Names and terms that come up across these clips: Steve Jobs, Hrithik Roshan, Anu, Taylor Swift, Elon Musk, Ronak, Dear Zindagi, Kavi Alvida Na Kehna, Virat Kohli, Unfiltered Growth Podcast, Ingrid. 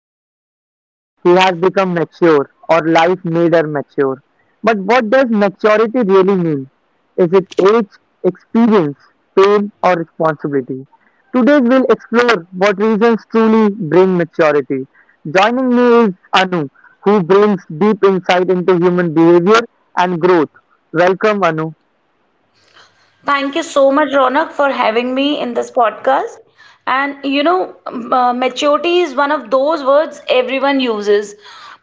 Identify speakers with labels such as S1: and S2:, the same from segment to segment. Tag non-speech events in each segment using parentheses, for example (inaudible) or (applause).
S1: We often say he has become mature or life made her mature. But what does maturity really mean? Is it age, experience, pain, or responsibility? Today we'll explore what reasons truly bring maturity. Joining me is Anu, who brings deep insight into human behavior and growth. Welcome, Anu.
S2: Thank you so much, Ronak, for having me in this podcast. And you know, maturity is one of those words everyone uses,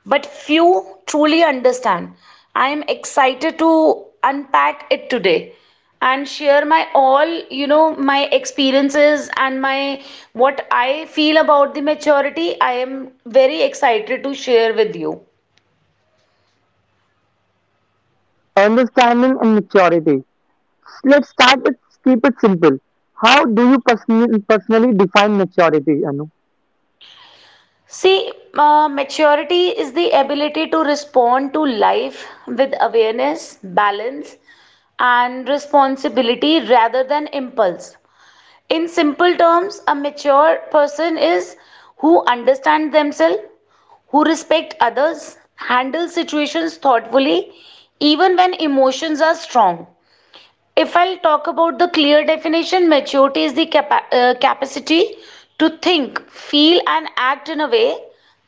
S2: but few truly understand. I am excited to unpack it today and share my my experiences and my what I feel about the maturity. I am very excited to share with you.
S1: Understanding and maturity. Let's start with keep it simple. How do you personally define maturity, Anu?
S2: See, Maturity is the ability to respond to life with awareness, balance, and responsibility rather than impulse. In simple terms, a mature person is who understands themselves, who respect others, handles situations thoughtfully, even when emotions are strong. If I'll talk about the clear definition, maturity is the capacity to think, feel, and act in a way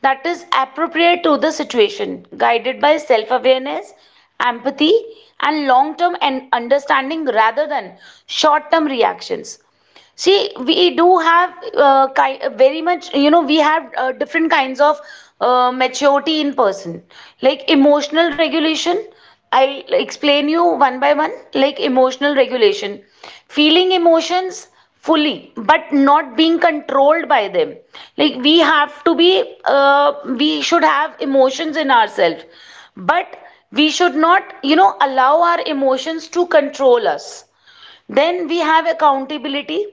S2: that is appropriate to the situation, guided by self awareness, empathy, and long term and understanding rather than short term reactions. See, we do have ki very much, you know, we have different kinds of maturity in person. Like emotional regulation, I'll explain you one by one. Like emotional regulation, feeling emotions fully, but not being controlled by them. Like we have to be, we should have emotions in ourselves, but we should not, you know, allow our emotions to control us. Then we have accountability,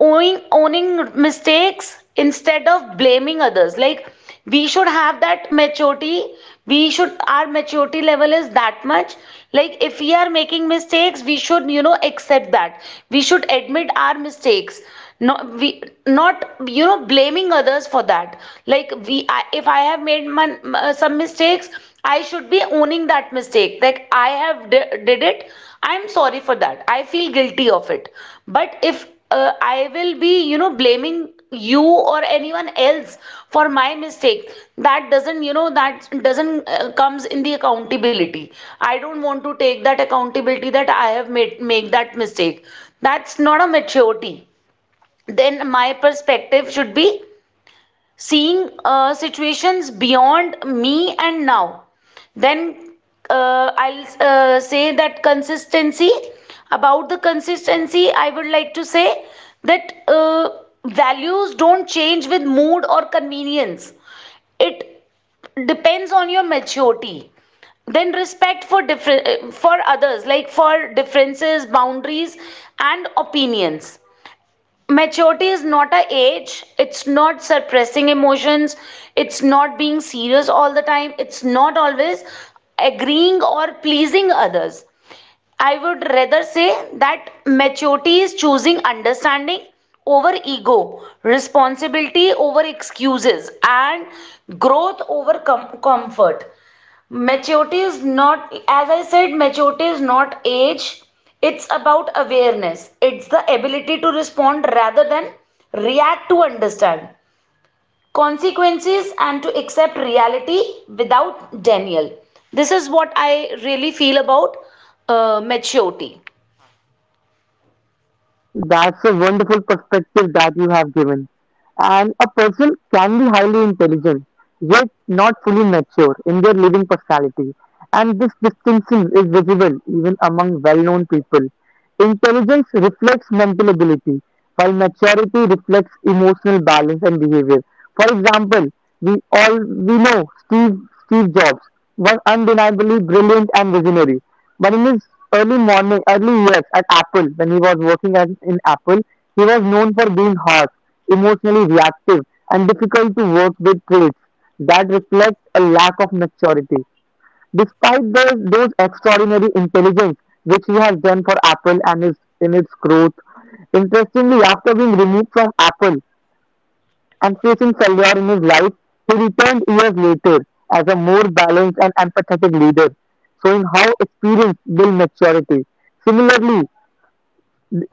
S2: owning mistakes instead of blaming others. Like we should have that maturity. We should, our maturity level is that much. Like if we are making mistakes, we should, you know, accept that. We should admit our mistakes. Not we not you know blaming others for that. Like if I have made my some mistakes, I should be owning that mistake. Like I have did it. I'm sorry for that. I feel guilty of it. But if I will be, you know, blaming you or anyone else for my mistake, that doesn't, you know, that doesn't comes in the accountability. I don't want to take that accountability that I have made make that mistake. That's not a maturity. Then my perspective should be seeing situations beyond me and now then I'll say that consistency. About the consistency I would like to say that values don't change with mood or convenience. It depends on your maturity. Then respect for different, for others, like for differences, boundaries, and opinions. Maturity is not a age. It's not suppressing emotions. It's not being serious all the time. It's not always agreeing or pleasing others. I would rather say that maturity is choosing understanding over ego, responsibility over excuses, and growth over comfort. Maturity is not, as I said, maturity is not age, it's about awareness. It's the ability to respond rather than react, to understand consequences and to accept reality without denial. This is what I really feel about maturity.
S1: That's a wonderful perspective that you have given. And a person can be highly intelligent, yet not fully mature in their living personality. And this distinction is visible even among well known people. Intelligence reflects mental ability, while maturity reflects emotional balance and behavior. For example, we know Steve Jobs was undeniably brilliant and visionary, but in his early years at Apple, when he was working as in Apple, he was known for being harsh, emotionally reactive, and difficult to work with traits that reflect a lack of maturity. Despite those extraordinary intelligence which he has done for Apple and his in its growth, interestingly, after being removed from Apple, and facing failure in his life, he returned years later as a more balanced and empathetic leader, showing how experience builds maturity. Similarly,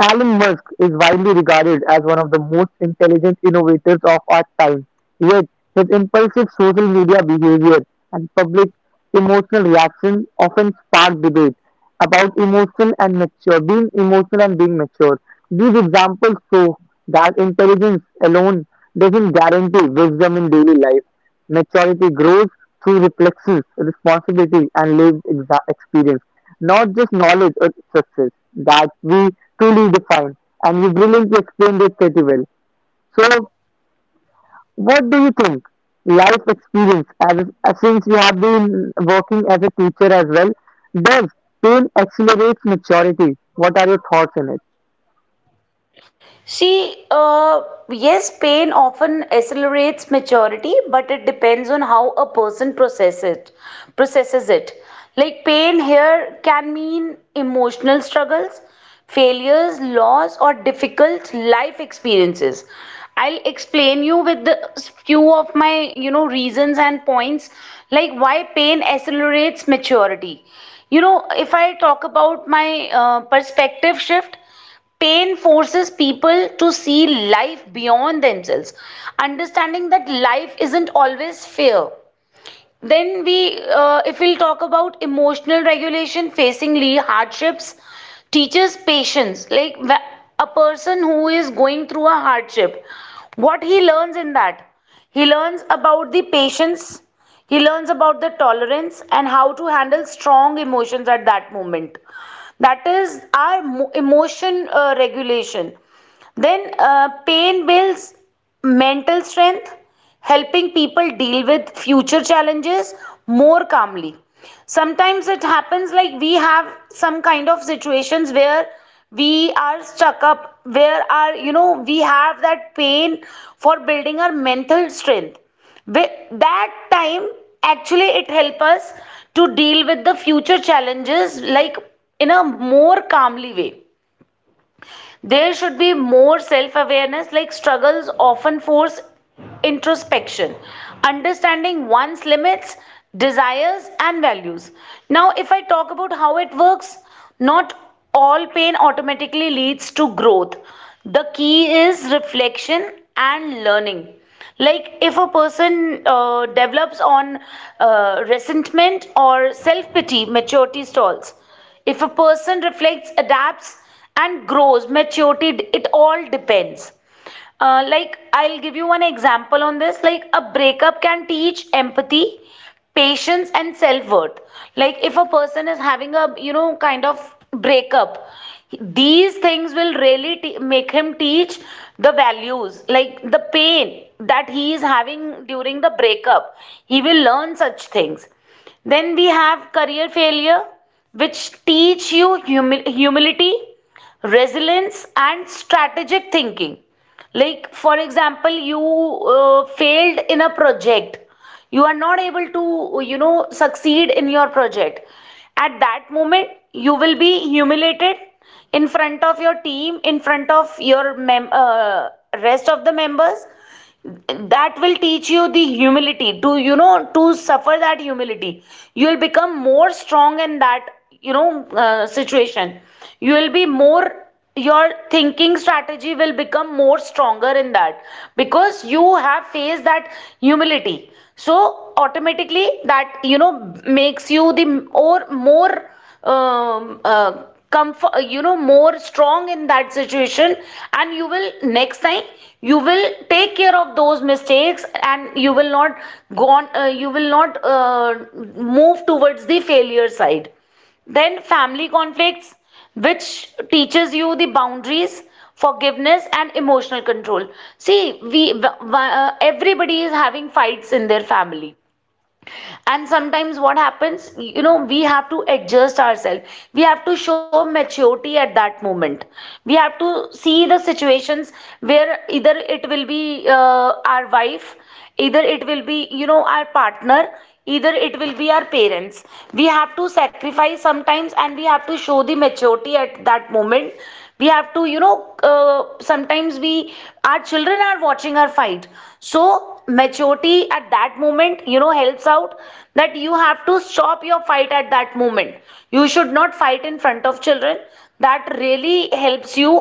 S1: Elon Musk is widely regarded as one of the most intelligent innovators of our time. Yet, his impulsive social media behavior and public emotional reactions often spark debate about emotional and mature, being emotional and being mature. These examples show that intelligence alone doesn't guarantee wisdom in daily life. Maturity grows through reflections, responsibility, and lived experience, not just knowledge or success that we truly defined, and you brilliantly explained it pretty well. So, what do you think? Life experience, as since you have been working as a teacher as well, does pain accelerates maturity? What are your thoughts on it?
S2: See, uh, yes, pain often accelerates maturity, but it depends on how a person processes it. Processes it. Like pain here can mean emotional struggles, failures, loss, or difficult life experiences. I'll explain you with the few of my you know reasons and points, like why pain accelerates maturity. You know, if I talk about my perspective shift, pain forces people to see life beyond themselves, understanding that life isn't always fair. Then if we'll talk about emotional regulation, facing hardships, teaches patience. Like a person who is going through a hardship, what he learns in that, he learns about the patience, he learns about the tolerance and how to handle strong emotions at that moment. That is our emotion regulation. Then pain builds mental strength, helping people deal with future challenges more calmly. Sometimes it happens like we have some kind of situations where we are stuck up, where are you know we have that pain for building our mental strength. With that time, actually, it help us to deal with the future challenges like in a more calmly way. There should be more self awareness, like struggles often force introspection, understanding one's limits, desires, and values. Now, if I talk about how it works, not all pain automatically leads to growth. The key is reflection and learning. Like if a person develops on resentment or self pity, maturity stalls. If a person reflects, adapts, and grows, maturity, it all depends. Like, I'll give you one example on this. Like, a breakup can teach empathy, patience, and self worth. Like, if a person is having a, you know, kind of breakup, these things will really make him teach the values, like the pain that he is having during the breakup. He will learn such things. Then we have career failure, which teach you humility, resilience, and strategic thinking. Like, for example, you failed in a project, you are not able to, you know, succeed in your project. At that moment, you will be humiliated in front of your team, in front of your rest of the members. That will teach you the humility, to you know to suffer that humility you will become more strong in that you know situation. You will be more, your thinking strategy will become more stronger in that because you have faced that humility, so automatically that you know makes you the or more um, uh, comfort, you know more strong in that situation. And you will next time, you will take care of those mistakes and you will not go on you will not move towards the failure side. Then family conflicts, which teaches you the boundaries, forgiveness and emotional control. See everybody is having fights in their family, and sometimes what happens you know we have to adjust ourselves. We have to show maturity at that moment. We have to see the situations, where either it will be our wife, either it will be you know our partner, either it will be our parents. We have to sacrifice sometimes and we have to show the maturity at that moment. We have to you know uh, sometimes we, our children are watching our fight. So maturity at that moment you know helps out, that you have to stop your fight at that moment. You should not fight in front of children. That really helps you,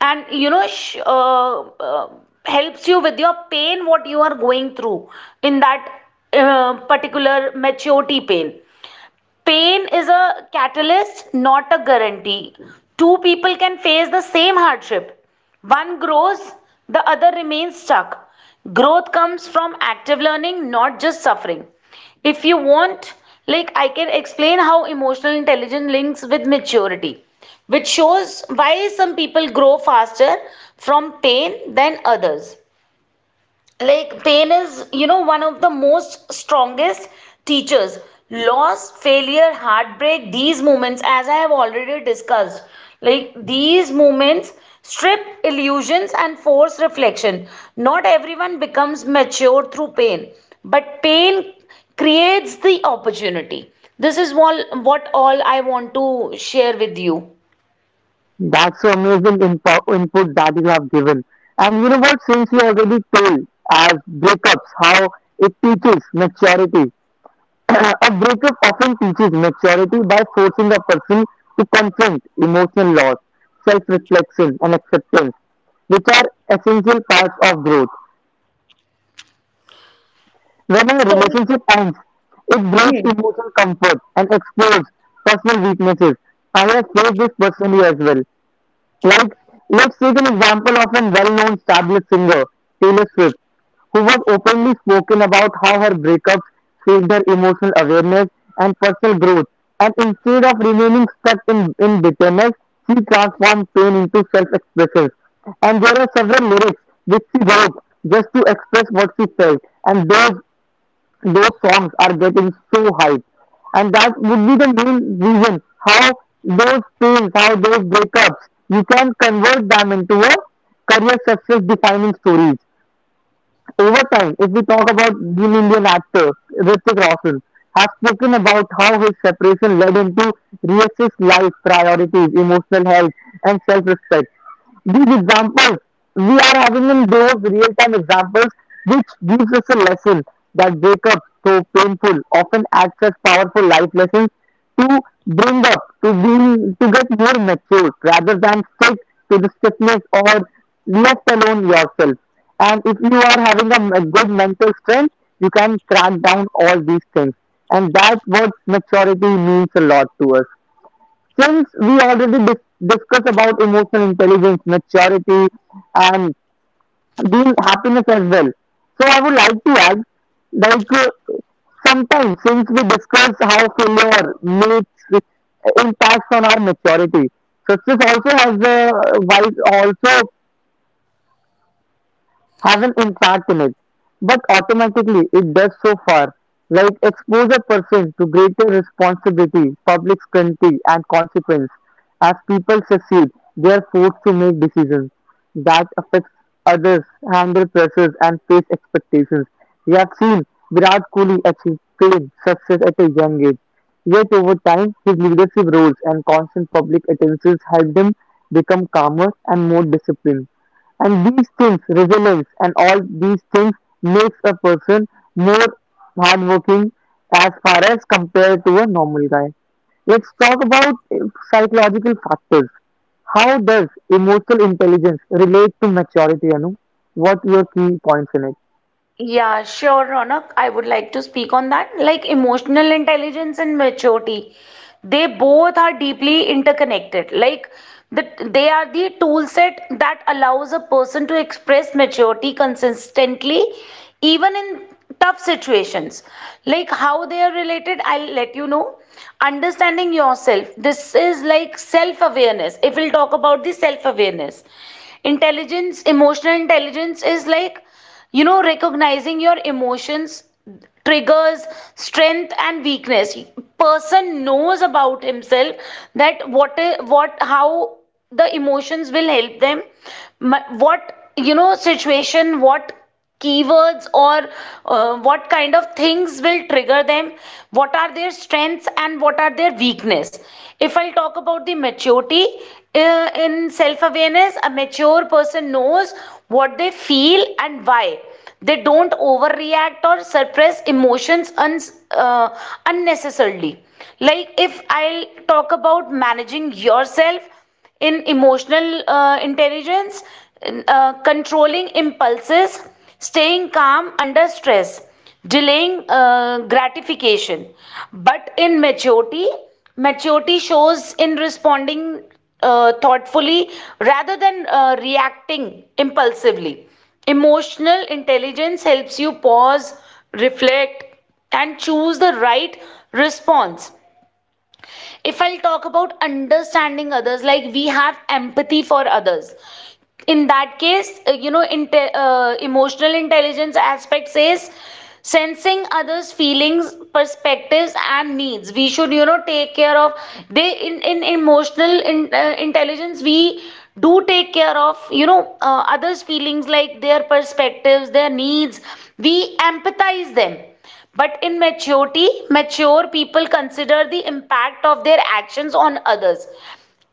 S2: and you know uh, helps you with your pain what you are going through in that particular maturity pain. Is a catalyst, not a guarantee. Two people can face the same hardship. One grows, the other remains stuck. Growth comes from active learning, not just suffering. If you want, like I can explain how emotional intelligence links with maturity, which shows why some people grow faster from pain than others. Like pain is you know one of the most strongest teachers. Loss, failure, heartbreak, these moments, as I have already discussed, like these moments strip illusions and force reflection. Not everyone becomes mature through pain, but pain creates the opportunity. This is all what all I want to share with you.
S1: That's so amazing input that you have given. And you know what? Since you already told as breakups, how it teaches maturity, (coughs) a breakup often teaches maturity by forcing a person to confront emotional loss, self reflection, and acceptance, which are essential parts of growth. When a
S2: So
S1: relationship ends, it breaks
S2: hmm.
S1: emotional comfort and exposes personal weaknesses. I have faced this personally as well. Like, let's take an example of a well known established singer, Taylor Swift, who was openly spoken about how her breakups shaped her emotional awareness and personal growth. And instead of remaining stuck in bitterness, she transformed pain into self expression. And there are several lyrics which she wrote just to express what she felt. And those songs are getting so hyped. And that would be the main reason how those pains, how those breakups, you can convert them into a career success defining stories. Over time, if we talk about the Indian actor Hrithik Roshan, has spoken about how his separation led him to reassess life priorities, emotional health, and self-respect. These examples we are having in those real time examples which gives us a lesson that breakups though painful often acts as powerful life lessons to bring up to be to get more mature rather than stick to the stiffness or left alone yourself. And if you are having a good mental strength, you can crack down all these things, and that's what maturity means a lot to us. Since we already discussed about emotional intelligence, maturity, and being happiness as well. So I would like to add, like sometimes since we discuss how failure makes impacts on our maturity, success also has a wise also haven't embarked in it, but automatically it does so far, like expose a person to greater responsibility, public scrutiny, and consequence. As people succeed, they are forced to make decisions that affects others, handle pressures, and face expectations. We have seen Virat Kohli achieve fame, success at a young age. Yet over time, his leadership roles and constant public attentions helped him become calmer and more disciplined. And these things, resilience and all these things makes a person more hardworking as far as compared to a normal guy. Let's talk about psychological factors. How does emotional intelligence relate to maturity, Anu? What your key points in it?
S2: Yeah, sure, Ronak. I would like to speak on that. Like emotional intelligence and maturity, they both are deeply interconnected. Like the, they are the tool set that allows a person to express maturity consistently even in tough situations. Like how they are related, I'll let you know. Understanding yourself, this is like self awareness. If we'll talk about the self awareness, intelligence emotional intelligence is like you know recognizing your emotions, triggers, strength and weakness. Person knows about himself, that what how the emotions will help them, what you know situation, what keywords or what kind of things will trigger them, what are their strengths and what are their weakness. If I'll talk about the maturity, in self awareness a mature person knows what they feel and why. They don't overreact or suppress emotions uh, unnecessarily. Like if I'll talk about managing yourself in emotional intelligence, controlling impulses, staying calm under stress, delaying gratification. But in maturity, maturity shows in responding thoughtfully rather than reacting impulsively. Emotional intelligence helps you pause, reflect, and choose the right response. If I'll talk about understanding others, like we have empathy for others. In that case you know emotional intelligence aspect says sensing others feelings, perspectives and needs. We should you know take care of, they in emotional intelligence we do take care of you know others feelings, like their perspectives, their needs. We empathize them. But in maturity, mature people consider the impact of their actions on others.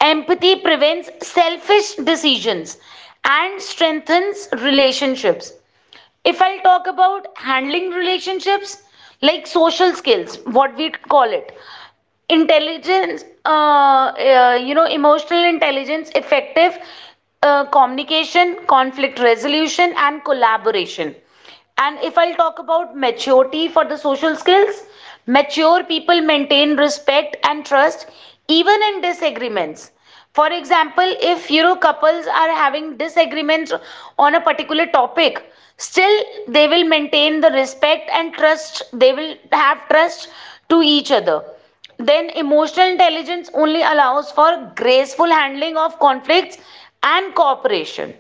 S2: Empathy prevents selfish decisions and strengthens relationships. If I'll talk about handling relationships, like social skills, what we call it, intelligence emotional intelligence effective communication, conflict resolution, and collaboration. And if I'll talk about maturity for the social skills, mature people maintain respect and trust even in disagreements. For example, if you know, couples are having disagreements on a particular topic, still they will maintain the respect and trust, they will have trust to each other. Then emotional intelligence only allows for graceful handling of conflicts and cooperation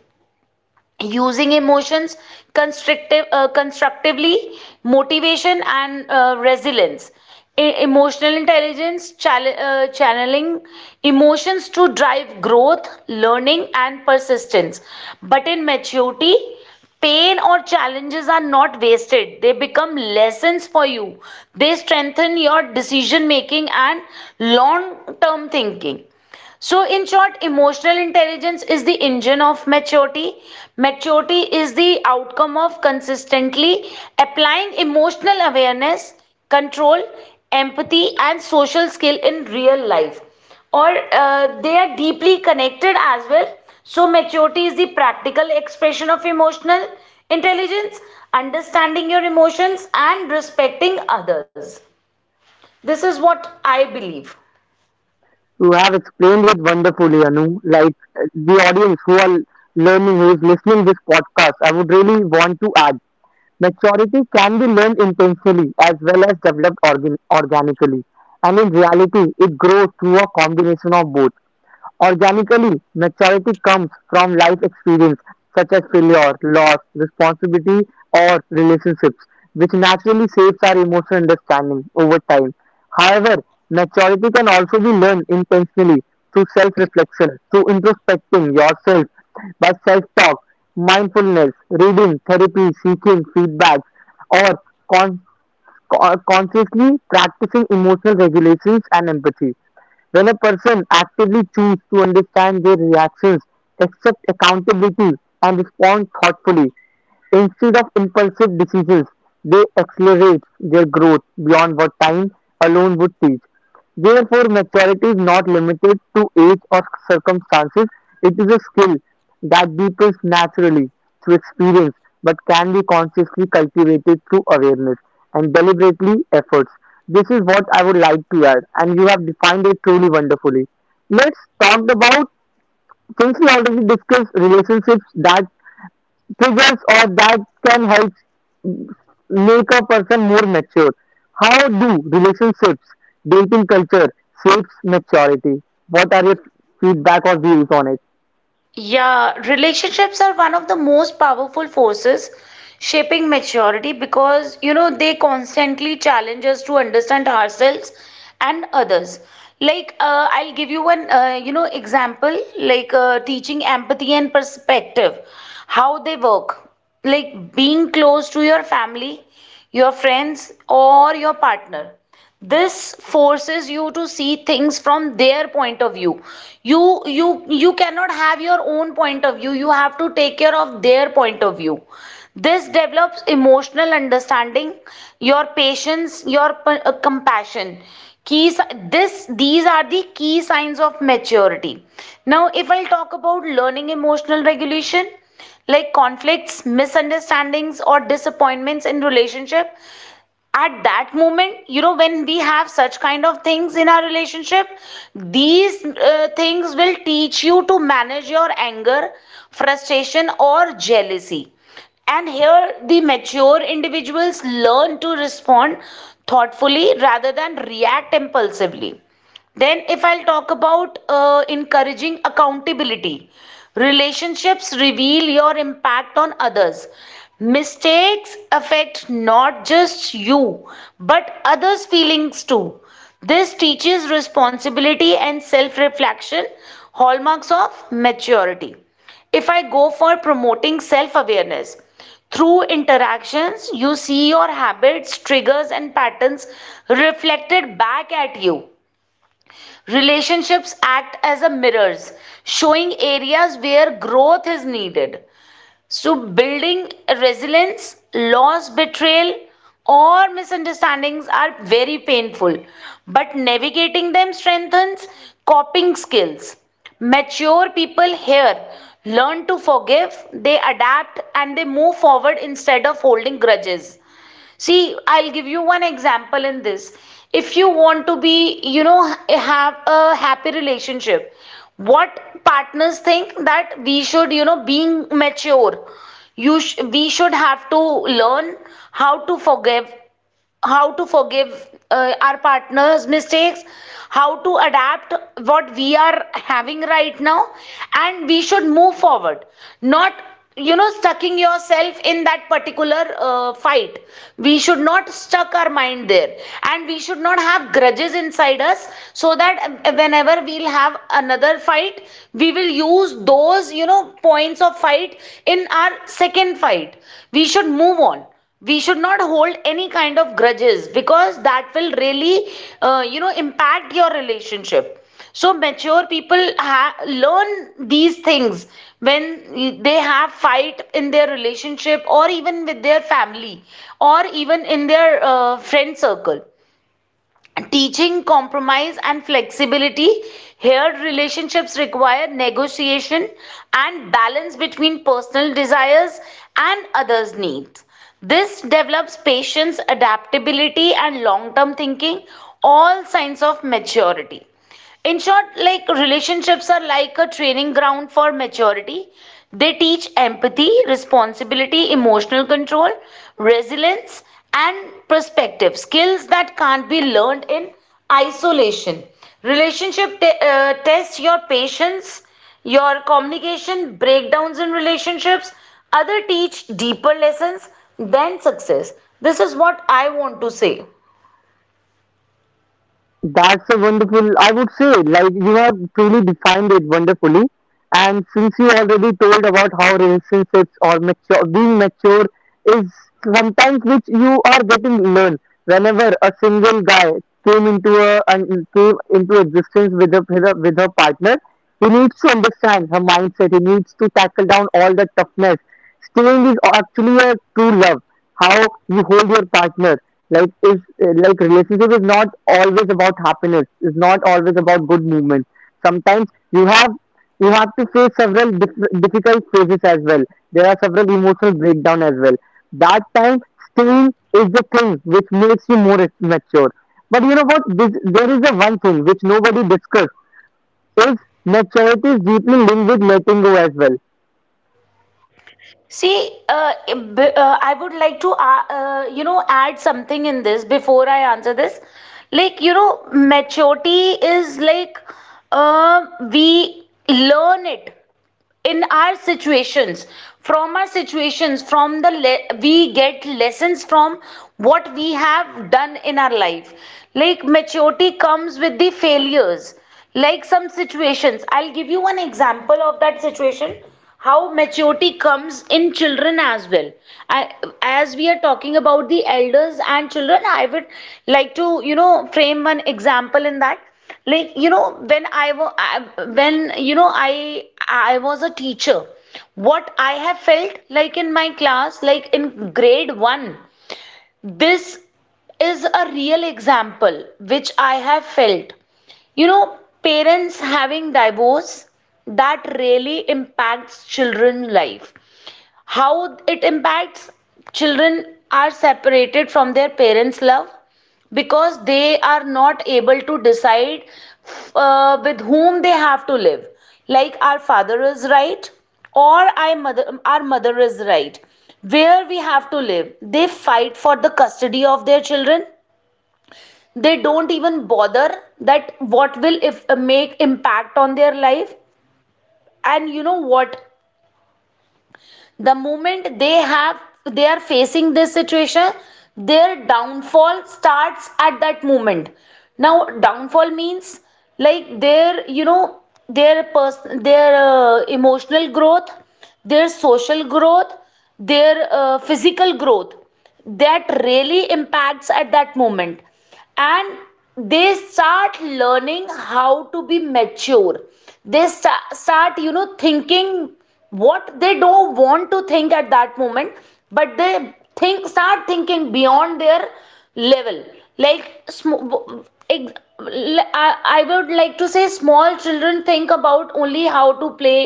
S2: using emotions constructively. Motivation and resilience. Emotional intelligence channeling emotions to drive growth, learning, and persistence. But in maturity, pain or challenges are not wasted, they become lessons for you. They strengthen your decision making and long term thinking. So, in short, emotional intelligence is the engine of maturity. Maturity is the outcome of consistently applying emotional awareness, control, empathy, and social skill in real life. Or they are deeply connected as well. So, maturity is the practical expression of emotional intelligence, understanding your emotions, and respecting others. This is what I believe.
S1: You have explained it wonderfully, Anu. Like the audience who are learning, who is listening this podcast, I would really want to add maturity can be learned intensely as well as developed organically. And in reality, it grows through a combination of both. Organically, maturity comes from life experience such as failure, loss, responsibility, or relationships, which naturally shapes our emotional understanding over time. However, maturity can also be learned intentionally through self reflection, through introspecting yourself by self-talk, mindfulness, reading, therapy, seeking feedback, or con- consciously practicing emotional regulations and empathy. When a person actively chooses to understand their reactions, accept accountability, and respond thoughtfully instead of impulsive decisions, they accelerate their growth beyond what time alone would teach. Therefore, maturity is not limited to age or circumstances. It is a skill that deepens naturally through experience but can be consciously cultivated through awareness and deliberately efforts. This is what I would like to add, and you have defined it truly wonderfully. Let's talk about since we already discussed relationships that triggers or that can help make a person more mature? How do relationships, dating culture shapes maturity? What are your feedback or views on it?
S2: Yeah, relationships are one of the most powerful forces shaping maturity because, you know, they constantly challenge us to understand ourselves and others. I'll give you one example, teaching empathy and perspective, how they work. Like being close to your family, your friends, or your partner, this forces you to see things from their point of view. You cannot have your own point of view, you have to take care of their point of view. This develops emotional understanding, your patience, your compassion, keys. This these are the key signs of maturity. Now if I'll talk about learning emotional regulation, like conflicts, misunderstandings, or disappointments in relationship, at that moment, you know, when we have such kind of things in our relationship, these things will teach you to manage your anger, frustration, or jealousy. And here the mature individuals learn to respond thoughtfully rather than react impulsively. Then, if I'll talk about encouraging accountability, relationships reveal your impact on others. Mistakes affect not just you, but others' feelings too. This teaches responsibility and self reflection, hallmarks of maturity. If I go for promoting self awareness, through interactions, you see your habits, triggers, and patterns reflected back at you. Relationships act as a mirrors, showing areas where growth is needed. So building resilience, loss, betrayal, or misunderstandings are very painful, but navigating them strengthens coping skills. Mature people here learn to forgive, they adapt, and they move forward instead of holding grudges. See, I'll give you one example in this. If you want to, be, you know, have a happy relationship, what partners think that we should, you know, being mature, you sh we should have to learn how to forgive, how to forgive our partner's mistakes, how to adapt what we are having right now, and we should move forward, not, you know, stucking yourself in that particular fight. We should not stuck our mind there, and we should not have grudges inside us, so that whenever we'll have another fight, we will use those, you know, points of fight in our second fight. We should move on, we should not hold any kind of grudges, because that will really you know impact your relationship. So mature people learn these things when they have fight in their relationship, or even with their family, or even in their friend circle. Teaching compromise and flexibility. Here, relationships require negotiation and balance between personal desires and others' needs. This develops patience, adaptability, and long term thinking, all signs of maturity. In short, like relationships are like a training ground for maturity. They teach empathy, responsibility, emotional control, resilience, and perspective, skills that can't be learned in isolation. Relationship tests your patience, your communication, breakdowns in relationships. Other teach deeper lessons than success. This is what I want to say.
S1: That's a wonderful, I would say, like you have truly defined it wonderfully. And since you already told about how relationships or mature, being mature is sometimes which you are getting learned. Whenever a single guy came into a and came into existence with a with her partner, he needs to understand her mindset. He needs to tackle down all the toughness. Staying is actually a true love. How you hold your partner like is like relationship is not always about happiness, is not always about good movement. Sometimes you have you have to face several difficult phases as well. There are several emotional breakdown as well. That time, staying is the thing which makes you more mature. But you know what, this, there is a one thing which nobody discuss is maturity is deeply linked with letting go as well.
S2: See, I would like to, add something in this before I answer this. Like, you know, maturity is like, we learn it in our situations, from our situations, we get lessons from what we have done in our life. Like maturity comes with the failures. Like some situations, I'll give you one example of that situation, how maturity comes in children as well. I, as we are talking about the elders and children, I would like to, you know, frame one example in that. Like, you know, when I was a teacher, what I have felt like in my class, like in grade 1, this is a real example which I have felt, you know, parents having divorce, that really impacts children's life. How it impacts, children are separated from their parents love, because they are not able to decide with whom they have to live. Like, our father is right, or our mother is right, where we have to live. They fight for the custody of their children, they don't even bother that what will, if make impact on their life. And you know what, the moment they are facing this situation, their downfall starts at that moment. Now downfall means like their, you know, their emotional growth, their social growth, their physical growth, that really impacts at that moment. And they start learning how to be mature. They start, you know, thinking what they don't want to think at that moment. But they think start thinking beyond their level. like sm- ex- I would like to say, small children think about only how to play.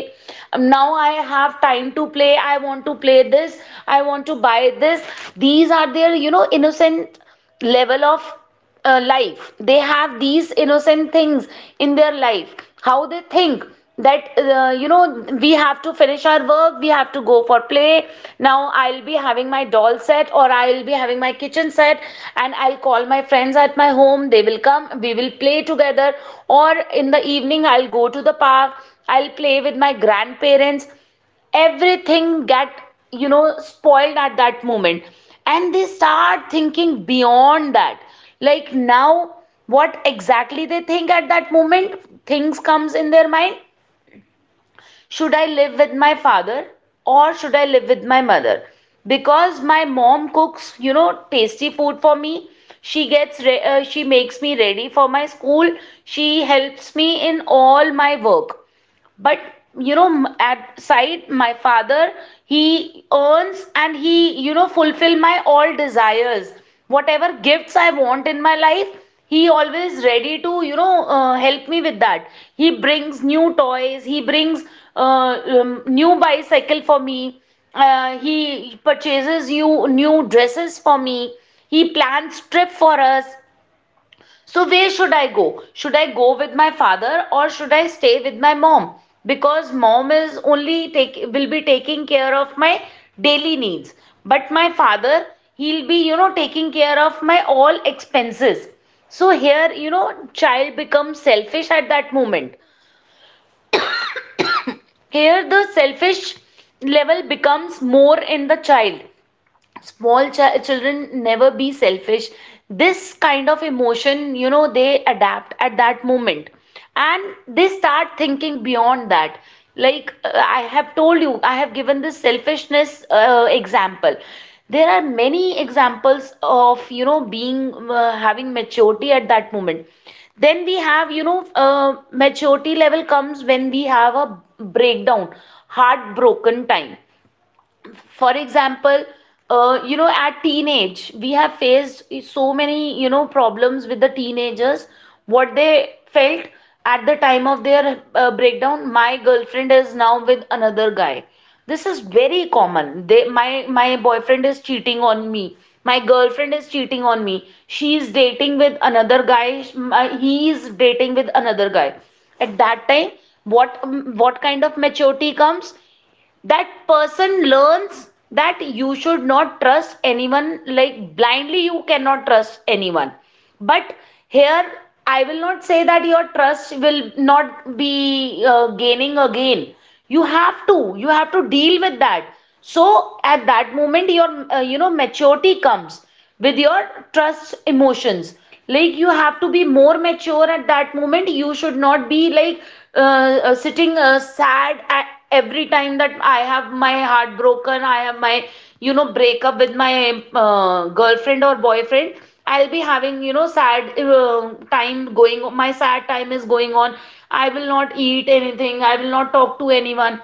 S2: Now I have time to play, I want to play this, I want to buy this. These are their, you know, innocent level of life. They have these innocent things in their life. How they think that, you know, we have to finish our work, we have to go for play. Now I'll be having my doll set or I'll be having my kitchen set, and I'll call my friends at my home. They will come, we will play together. Or in the evening, I'll go to the park, I'll play with my grandparents. Everything get, you know, spoiled at that moment. And they start thinking beyond that. Like now, what exactly they think at that moment, things comes in their mind: should I live with my father or should I live with my mother? Because my mom cooks, you know, tasty food for me, she she makes me ready for my school, she helps me in all my work. But, you know, at side my father, he earns and he, you know, fulfill my all desires. Whatever gifts I want in my life, he always ready to, you know, help me with that. He brings new toys, he brings new bicycle for me, he purchases you new dresses for me, he plans trip for us. So where should I go? Should I go with my father or should I stay with my mom? Because mom is only take will be taking care of my daily needs, but my father, he'll be, you know, taking care of my all expenses. So here, you know, child becomes selfish at that moment. Here the selfish level becomes more in the child. Small children never be selfish, this kind of emotion, you know, they adapt at that moment. And they start thinking beyond that. Like, I have told you, I have given this selfishness example. There are many examples of, you know, being having maturity at that moment. Then we have, you know, uh, maturity level comes when we have a breakdown, heartbroken time. For example, you know, at teenage we have faced so many, you know, problems with the teenagers. What they felt at the time of their breakdown: my girlfriend is now with another guy. This is very common. They My boyfriend is cheating on me, my girlfriend is cheating on me, she is dating with another guy. He is dating with another guy. At that time, what kind of maturity comes, that person learns that you should not trust anyone, like blindly you cannot trust anyone. But here, I will not say that your trust will not be gaining again. You have to deal with that. So at that moment your, you know, maturity comes with your trust emotions. Like, you have to be more mature at that moment, you should not be like sitting sad at every time that I have my heart broken, I have my, you know, breakup with my girlfriend or boyfriend. I'll be having, you know, sad time going, my sad time is going on. I will not eat anything, I will not talk to anyone.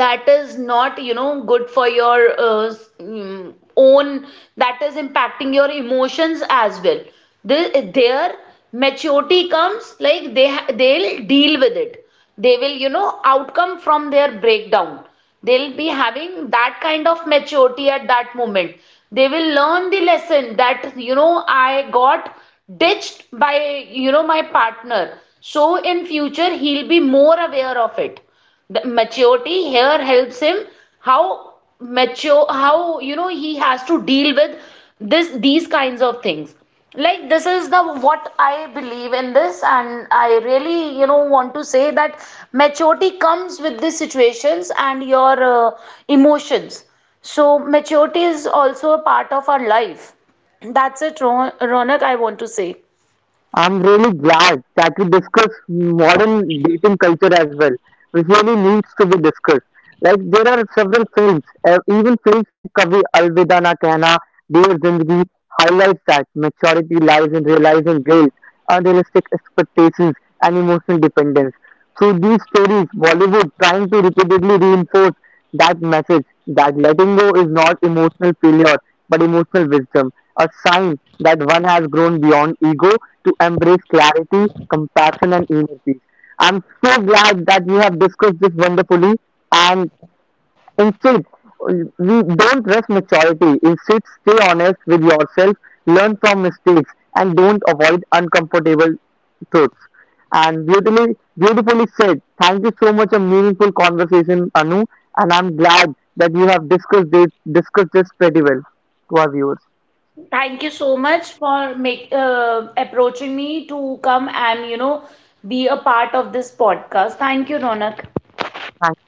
S2: That is not, you know, good for your own, that is impacting your emotions as well. Their maturity comes like they'll deal with it, they will, you know, outcome from their breakdown. They'll be having that kind of maturity at that moment. They will learn the lesson that, you know, I got ditched by, you know, my partner, so in future he'll be more aware of it. The maturity here helps him how mature, how, you know, he has to deal with this these kinds of things. Like, this is the what I believe in this, and I really, you know, want to say that maturity comes with these situations and your emotions. So maturity is also a part of our life. That's it, Ronak, I want to say.
S1: I'm really glad that we discuss modern dating culture as well, which really needs to be discussed. Like there are several films, even films like Kavi Alvida Na Kehna, Dear Zindagi highlights that maturity lies in realizing guilt, unrealistic expectations, and emotional dependence. Through these stories, Bollywood trying to repeatedly reinforce that message that letting go is not emotional failure but emotional wisdom, a sign that one has grown beyond ego to embrace clarity, compassion, and inner peace. I'm so glad that we have discussed this wonderfully. And instead, we don't rush maturity. Instead, stay honest with yourself, learn from mistakes, and don't avoid uncomfortable truths. And beautifully said. Thank you so much. A meaningful conversation, Anu. And I'm glad that you have discussed this pretty well to our viewers.
S2: Thank you so much for approaching me to come and, you know, be a part of this podcast. Thank you, Ronak.
S1: Thank